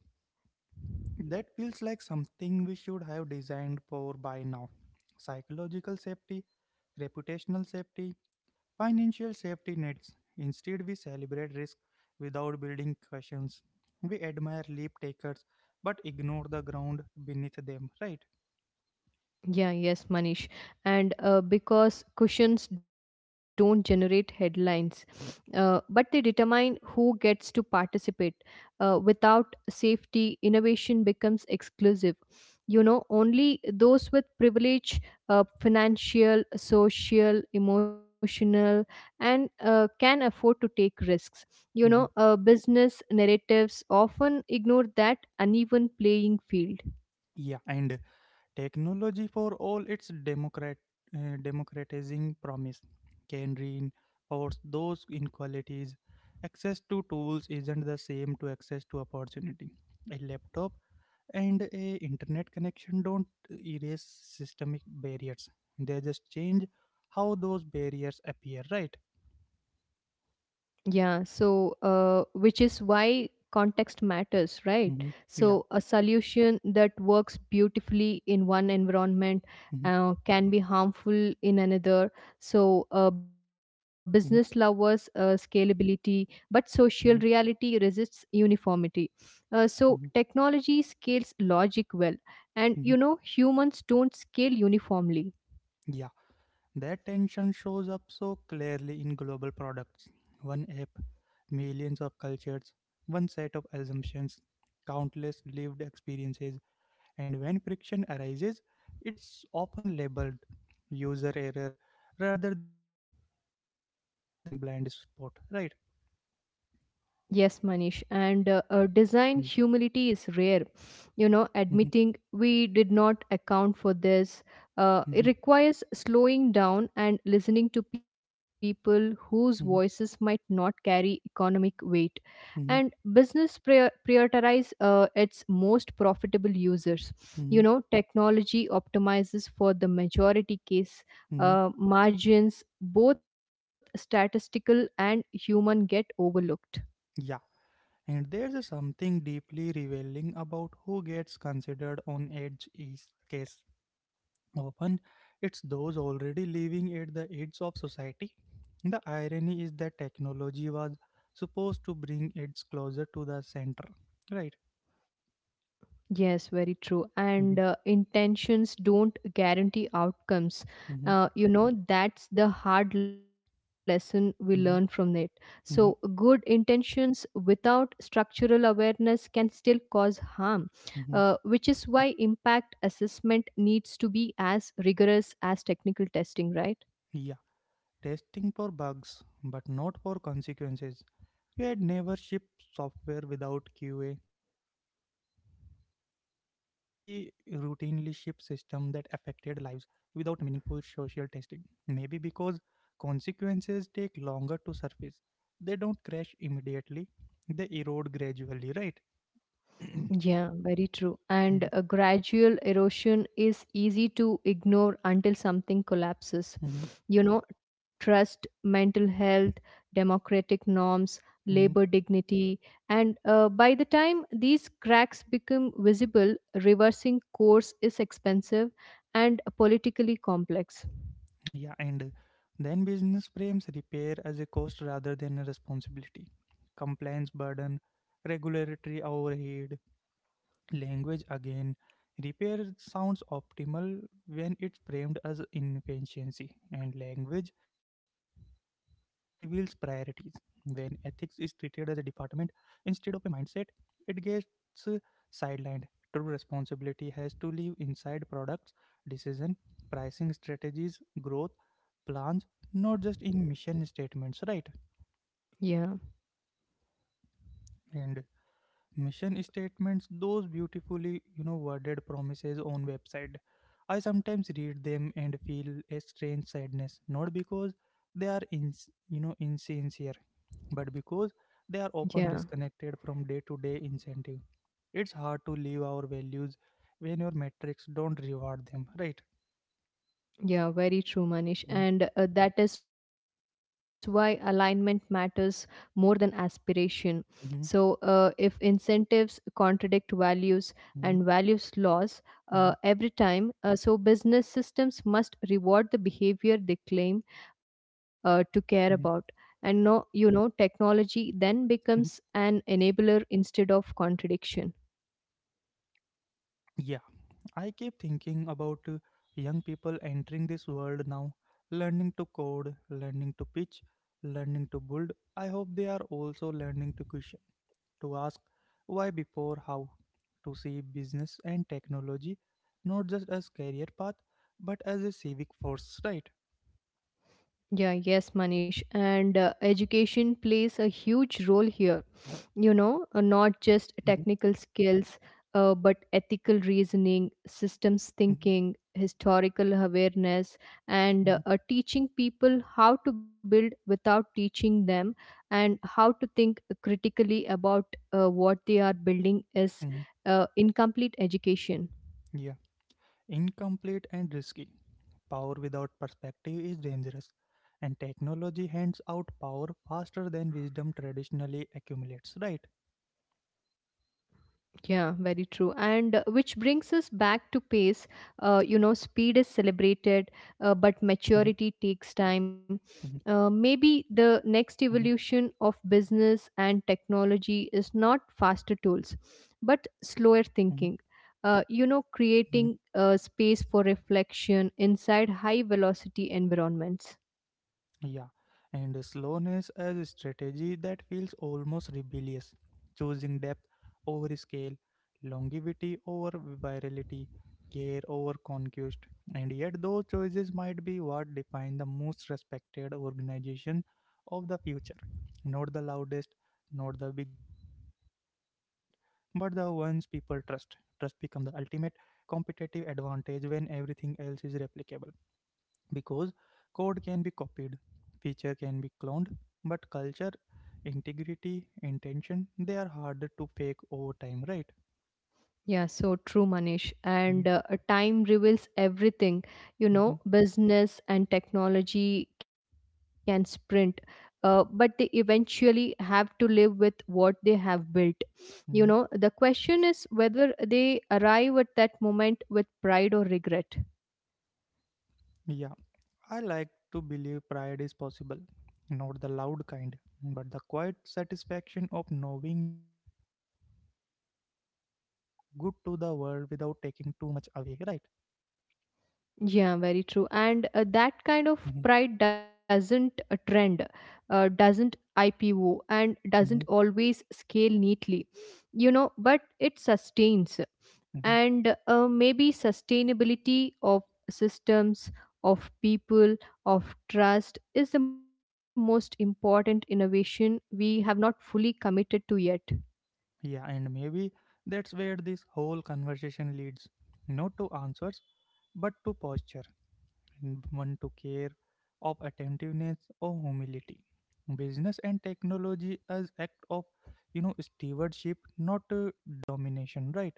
That feels like something we should have designed for by now. Psychological safety, reputational safety, financial safety nets. Instead, we celebrate risk without building cushions. We admire leap takers but ignore the ground beneath them, right? Yeah, yes, Manish. And because cushions don't generate headlines, but they determine who gets to participate. Without safety, innovation becomes exclusive. You know, only those with privilege, financial, social, emotional, and can afford to take risks. You know, Mhm. uh, business narratives often ignore that uneven playing field. Yeah, and technology, for all its democratizing promise, can reinforce those inequalities. Access to tools isn't the same to access to opportunity. A laptop and a internet connection don't erase systemic barriers. They just change how those barriers appear, right? Yeah, so which is why context matters, right? Mhm. So a Yeah. solution that works beautifully in one Hmm. environment can be harmful in another. So business Hmm. lovers scalability, but social Hmm. reality resists uniformity. So Hmm. technology scales logic well, and Hmm. Humans don't scale uniformly. That tension shows up so clearly in global products. One app, millions of cultures, one set of assumptions, countless lived experiences, and when friction arises, it's often labeled user error rather than design blind spot, right? Yes, Manish. And Mm, design humility is rare. You know, mhm, admitting we did not account for this. Mhm, It requires slowing down and listening to people whose voices mhm, might not carry economic weight. And mhm, business prioritize its most profitable users. You mhm, know, technology optimizes for the majority case. mhm. Margins, both statistical and human, get overlooked. Yeah, and there's a something deeply revealing about who gets considered on edge is case. Often it's those already living at the edge of society. The irony is that technology was supposed to bring its closer to the center, right? Yes, very true. And Mhm, intentions don't guarantee outcomes. mhm, That's the hard lesson we learn from it. mhm, So, good mhm, intentions without structural awareness can still cause harm, mhm. which is why impact assessment needs to be as rigorous as technical testing, right? Yeah, testing for bugs, but not for consequences. We had never shipped software without QA. Yet, we routinely ship systems that affected lives without meaningful social testing. Maybe because consequences take longer to surface. They don't crash immediately, they erode gradually, right? Yeah, very true. And Mhm, a gradual erosion is easy to ignore until something collapses. mhm, You know, trust, mental health, democratic norms, labor mhm. dignity. And by the time these cracks become visible, reversing course is expensive and politically complex. Yeah, and then business frames repair as a cost rather than a responsibility. Compliance burden, regulatory overhead, language again repair sounds optimal when it's framed as inefficiency, and language reveals priorities when ethics is treated as a department instead of a mindset. It gets uh, sidelined. True responsibility has to live inside products, decision, pricing strategies, growth plans, not just in mission statements, right? Yeah, And Mission statements, those beautifully, worded promises on website. I sometimes read them and feel a strange sadness, not because they are in, insincere, but because yeah. they are often disconnected from day-to-day incentive. It's hard to live our values when your metrics don't reward them, right? Yeah, very true, Manish. Mm-hmm, And that is why alignment matters more than aspiration. So, if mm-hmm, incentives contradict values and values mm-hmm, laws every mm-hmm, time, so business systems must reward the behavior they claim to care about. And no, technology then mm-hmm. becomes an enabler instead of contradiction. Yeah, I keep thinking about young people entering this world now, learning to code, learning to pitch, learning to build. I hope they are also learning to question, to ask why before how, to see business and technology not just as career path but as a civic force, right? Yeah, yes, Manish. Mm-hmm, And education plays a huge role here, not just technical skills, but ethical reasoning, mm-hmm, systems thinking, historical awareness, and teaching people how to build without teaching them and how to think critically about what they are building is hmm, incomplete education. mm. Incomplete and risky. Power without perspective is dangerous, and technology hands out power faster than wisdom traditionally accumulates, right? Yeah, very true. And Mm-hmm, which brings us back to pace. Speed is celebrated, mm-hmm, but maturity takes mm-hmm, time. Maybe the mm-hmm, next evolution of business and technology is not faster tools, but slower mm-hmm, thinking. Mm-hmm. Creating space for reflection inside high velocity environments. Yeah, and slowness as a strategy that feels almost rebellious, choosing depth over scale, longevity over virality, care over conquest. And yet, those choices might be what define the most respected organization of the future. Not the loudest, not the biggest, but the ones people trust. Trust become the ultimate competitive advantage when everything else is replicable, because code can be copied, feature can be cloned, but culture, integrity, intention, they are harder to fake over time, right? Yeah, so true, Manish. Mhm, And time reveals everything. You mhm, know, business and technology can sprint, but they eventually have to live with what they have built. You know, the mhm. question is whether they arrive at that moment with pride or regret. Yeah, I like to believe pride is possible, not the loud kind, but the quiet satisfaction of knowing you added something good to the world without taking too much away, right? Yeah, very true. And that kind Hmm, of pride doesn't trend, doesn't IPO, and doesn't hmm, always scale neatly. You know, but it sustains hmm. and maybe sustainability of systems of people of trust is the most important innovation we have not fully committed to yet. Yeah, and maybe that's where this whole conversation leads. Not to answers, but to posture and one to care, of attentiveness or humility, business and technology as act of, stewardship, not domination, right?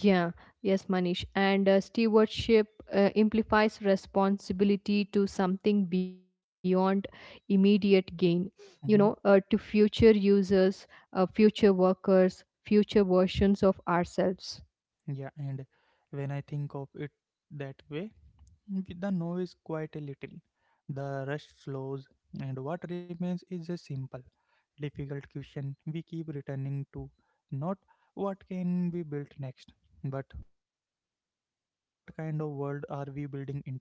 Yeah, yes, Manish. And stewardship implies responsibility to something beyond immediate gain. Hmm. To future users, future workers, future versions of ourselves. Yeah, and when I think of it that way, with the noise quite a little, the rush slows, and what remains is a simple, difficult question we keep returning to. Not what can be built next, but what kind of world are we building into? And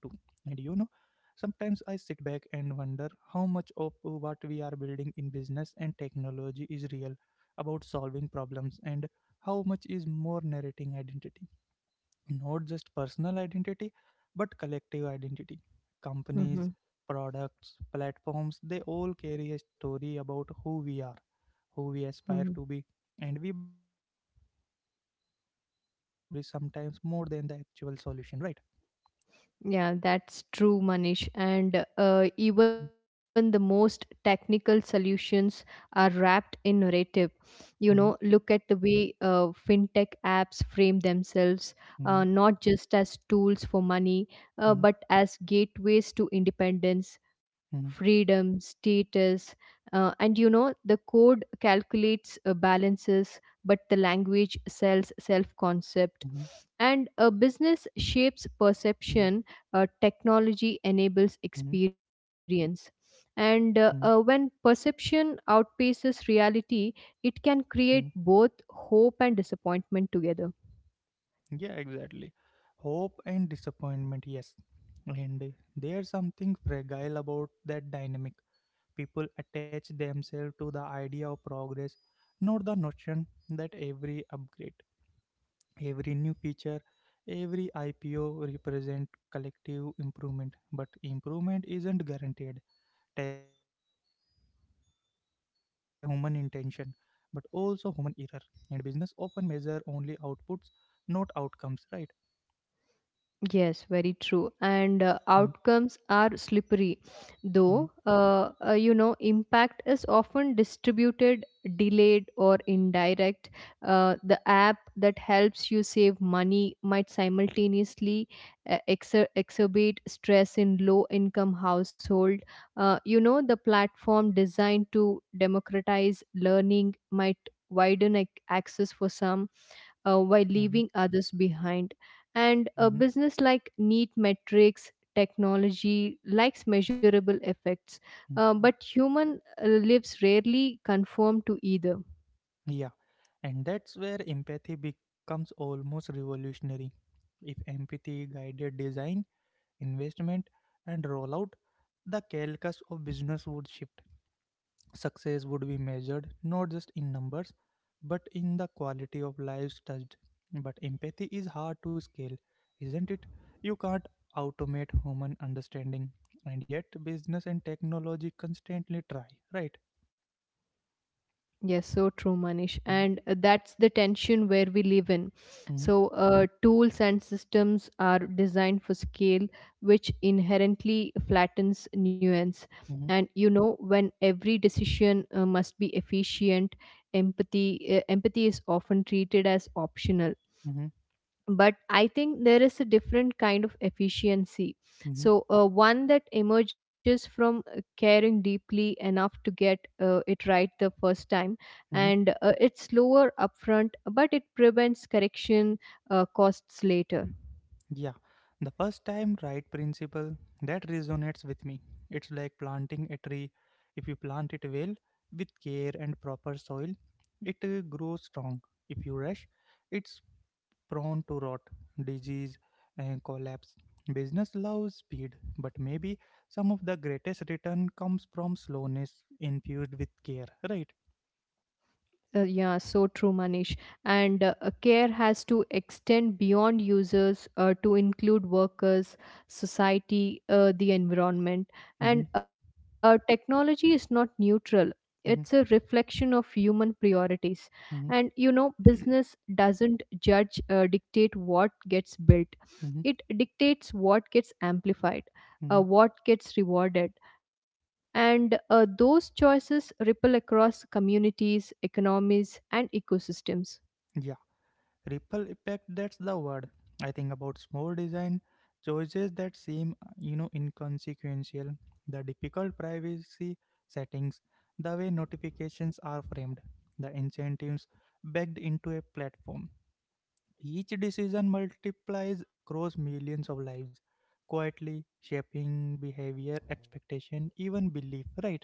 sometimes I sit back and wonder how much of what we are building in business and technology is real, about solving problems, and how much is more narrating identity, not just personal identity but collective identity. Companies, Hmm. products, platforms, they all carry a story about who we are, who we aspire to be, and we buy into that story sometimes more than the actual solution, right? Yeah, that's true, Manish. And even the most technical solutions are wrapped in narrative. You know, Mm-hmm, look at the way fintech apps frame themselves, mm-hmm, not just as tools for money, mm-hmm, but as gateways to independence, mm-hmm, freedom, status. The code calculates balances, but the language sells mm-hmm. self concept. And a business Yeah. shapes perception, technology Mm-hmm, enables experience. And mm-hmm, when perception outpaces reality, it can mm-hmm. create both hope and disappointment together. Yeah, exactly. Hope and disappointment, yes. And there's something fragile about that dynamic. People attach themselves to the idea of progress, not the notion that every upgrade, every new feature, every IPO represent collective improvement. But improvement isn't guaranteed. Technology can amplify human intention, but also human error. And business often measure only outputs, not outcomes. Right? Yes, very true. And Mm-hmm, outcomes are slippery, though, impact is often distributed, delayed, or indirect. The app that helps you save money might simultaneously exacerbate stress in low income household. The platform designed to democratize learning might widen access for some while mm-hmm, leaving others behind. And a mm-hmm, business like neat metrics, technology likes measurable effects, mm-hmm. but human lives rarely conform to either. Yeah, and that's where empathy becomes almost revolutionary. If empathy guided design, investment, and rollout, the calculus of business would shift. Success would be measured not just in numbers, but in the quality of lives touched. But empathy is hard to scale, isn't it? You can't automate human understanding, and yet business and technology constantly try, right? Yes, so true, Manish. Mm-hmm, And that's the tension where we live in. mm-hmm, So, tools and systems are designed for scale, which inherently flattens nuance. mm-hmm, And you know, when every decision must be efficient, empathy is often treated as optional, mm-hmm, but I think there is a different kind of efficiency. mm-hmm. So, one that emerges from caring deeply enough to get it right the first time, and it's slower upfront but it prevents correction costs later. Yeah, the first time right principle, that resonates with me. It's like planting a tree. If you plant it well with care and proper soil, it grows strong. If you rush, it's prone to rot, disease, and collapse. Business loves speed, but maybe some of the greatest return comes from slowness infused with care, right? Yeah, so true, Manish. And care has to extend beyond users to include workers, society, the environment. Mm-hmm, And technology is not neutral, mm-hmm, it's a reflection of human priorities. mm-hmm, And you know, business doesn't judge, dictate what gets built, mm-hmm, it dictates what gets amplified, mm-hmm. What gets rewarded, and those choices ripple across communities, economies, and ecosystems. Yeah. Ripple effect, that's the word. I think about small design choices that seem, inconsequential. The difficult privacy settings, the way notifications are framed, the incentives baked into a platform, each decision multiplies across millions of lives, quietly shaping behavior, expectation, even belief, right?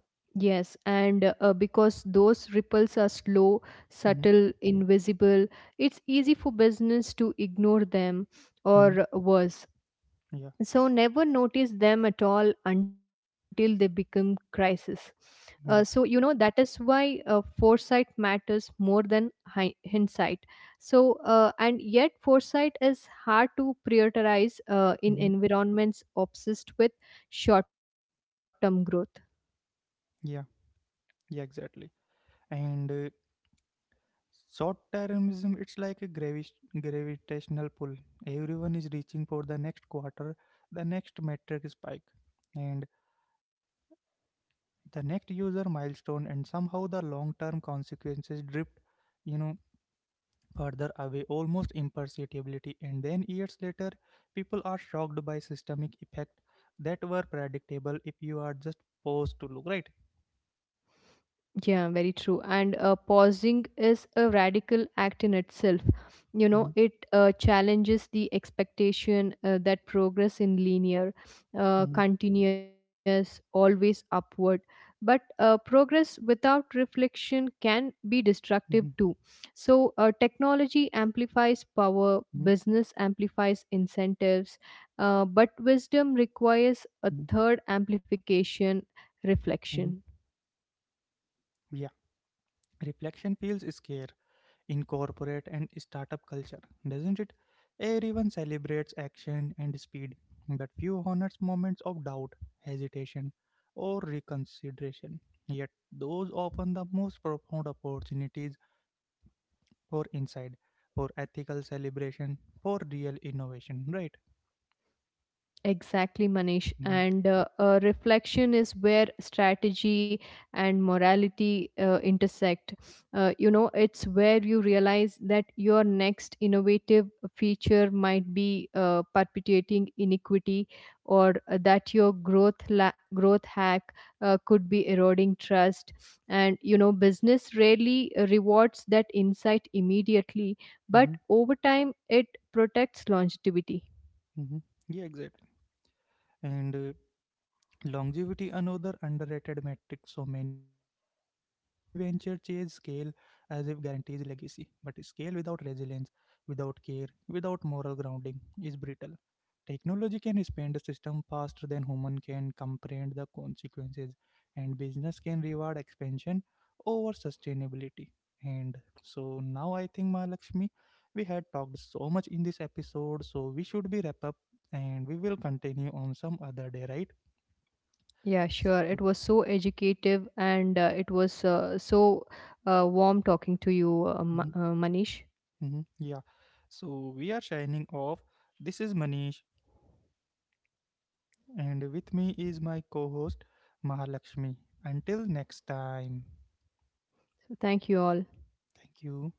Yes, and because those ripples are slow, Mm-hmm. subtle, invisible, it's easy for business to ignore them Mm-hmm. or worse, so never notice them at all until they become crisis. Yeah, yeah. That is why foresight matters more than hindsight. So, and yet foresight is hard to prioritize in Mm-hmm. environments obsessed with short term growth. Yeah, yeah, exactly. And Short-termism, it's like a gravitational pull. Everyone is reaching for the next quarter, the next metric spike, and the next user milestone, and somehow the long-term consequences drift, you know, further away, almost imperceptibly. And then years later, people are shocked by systemic effect that were predictable if you are just posed to look, right. Yeah, very true. And pausing is a radical act in itself. You know, Mhm, it challenges the expectation that progress in linear, mhm, continuous, always upward. But progress without reflection can mhm, be destructive too. So, technology amplifies mhm, power, business amplifies incentives, but wisdom requires mhm, a third amplification: mhm. reflection. Yeah, reflection feels scare in corporate and startup culture, doesn't it? Everyone celebrates action and speed, but few honors moments of doubt, hesitation, or reconsideration. Yet, those often the most profound opportunities for insight, for ethical celebration, for real innovation, right? Exactly, Manish. Mm-hmm. And reflection is where strategy and morality intersect. It's where you realize that your next innovative feature might be perpetuating inequity, or that your growth hack could be eroding trust. And you know, business rarely rewards that insight immediately, but Mm-hmm. over time, it protects longevity. Mm-hmm. Yeah, exactly. And Longevity, another underrated metric. So many venture chase scale as if guarantees legacy, but scale without resilience, without care, without moral grounding is brittle. Technology can expand a system faster than human can comprehend the consequences, and business can reward expansion over sustainability. And so now I think, Mahalakshmi, we had talked so much in this episode, so we should be wrap up, and we will continue on some other day, right? Yeah, sure. So It was so educative and it was so warm talking to you, Mhm, Manish. mhm. Yeah. So we are signing off. This is Manish, and with me is my co host, Mahalakshmi. Until next time, So thank you all. thank you.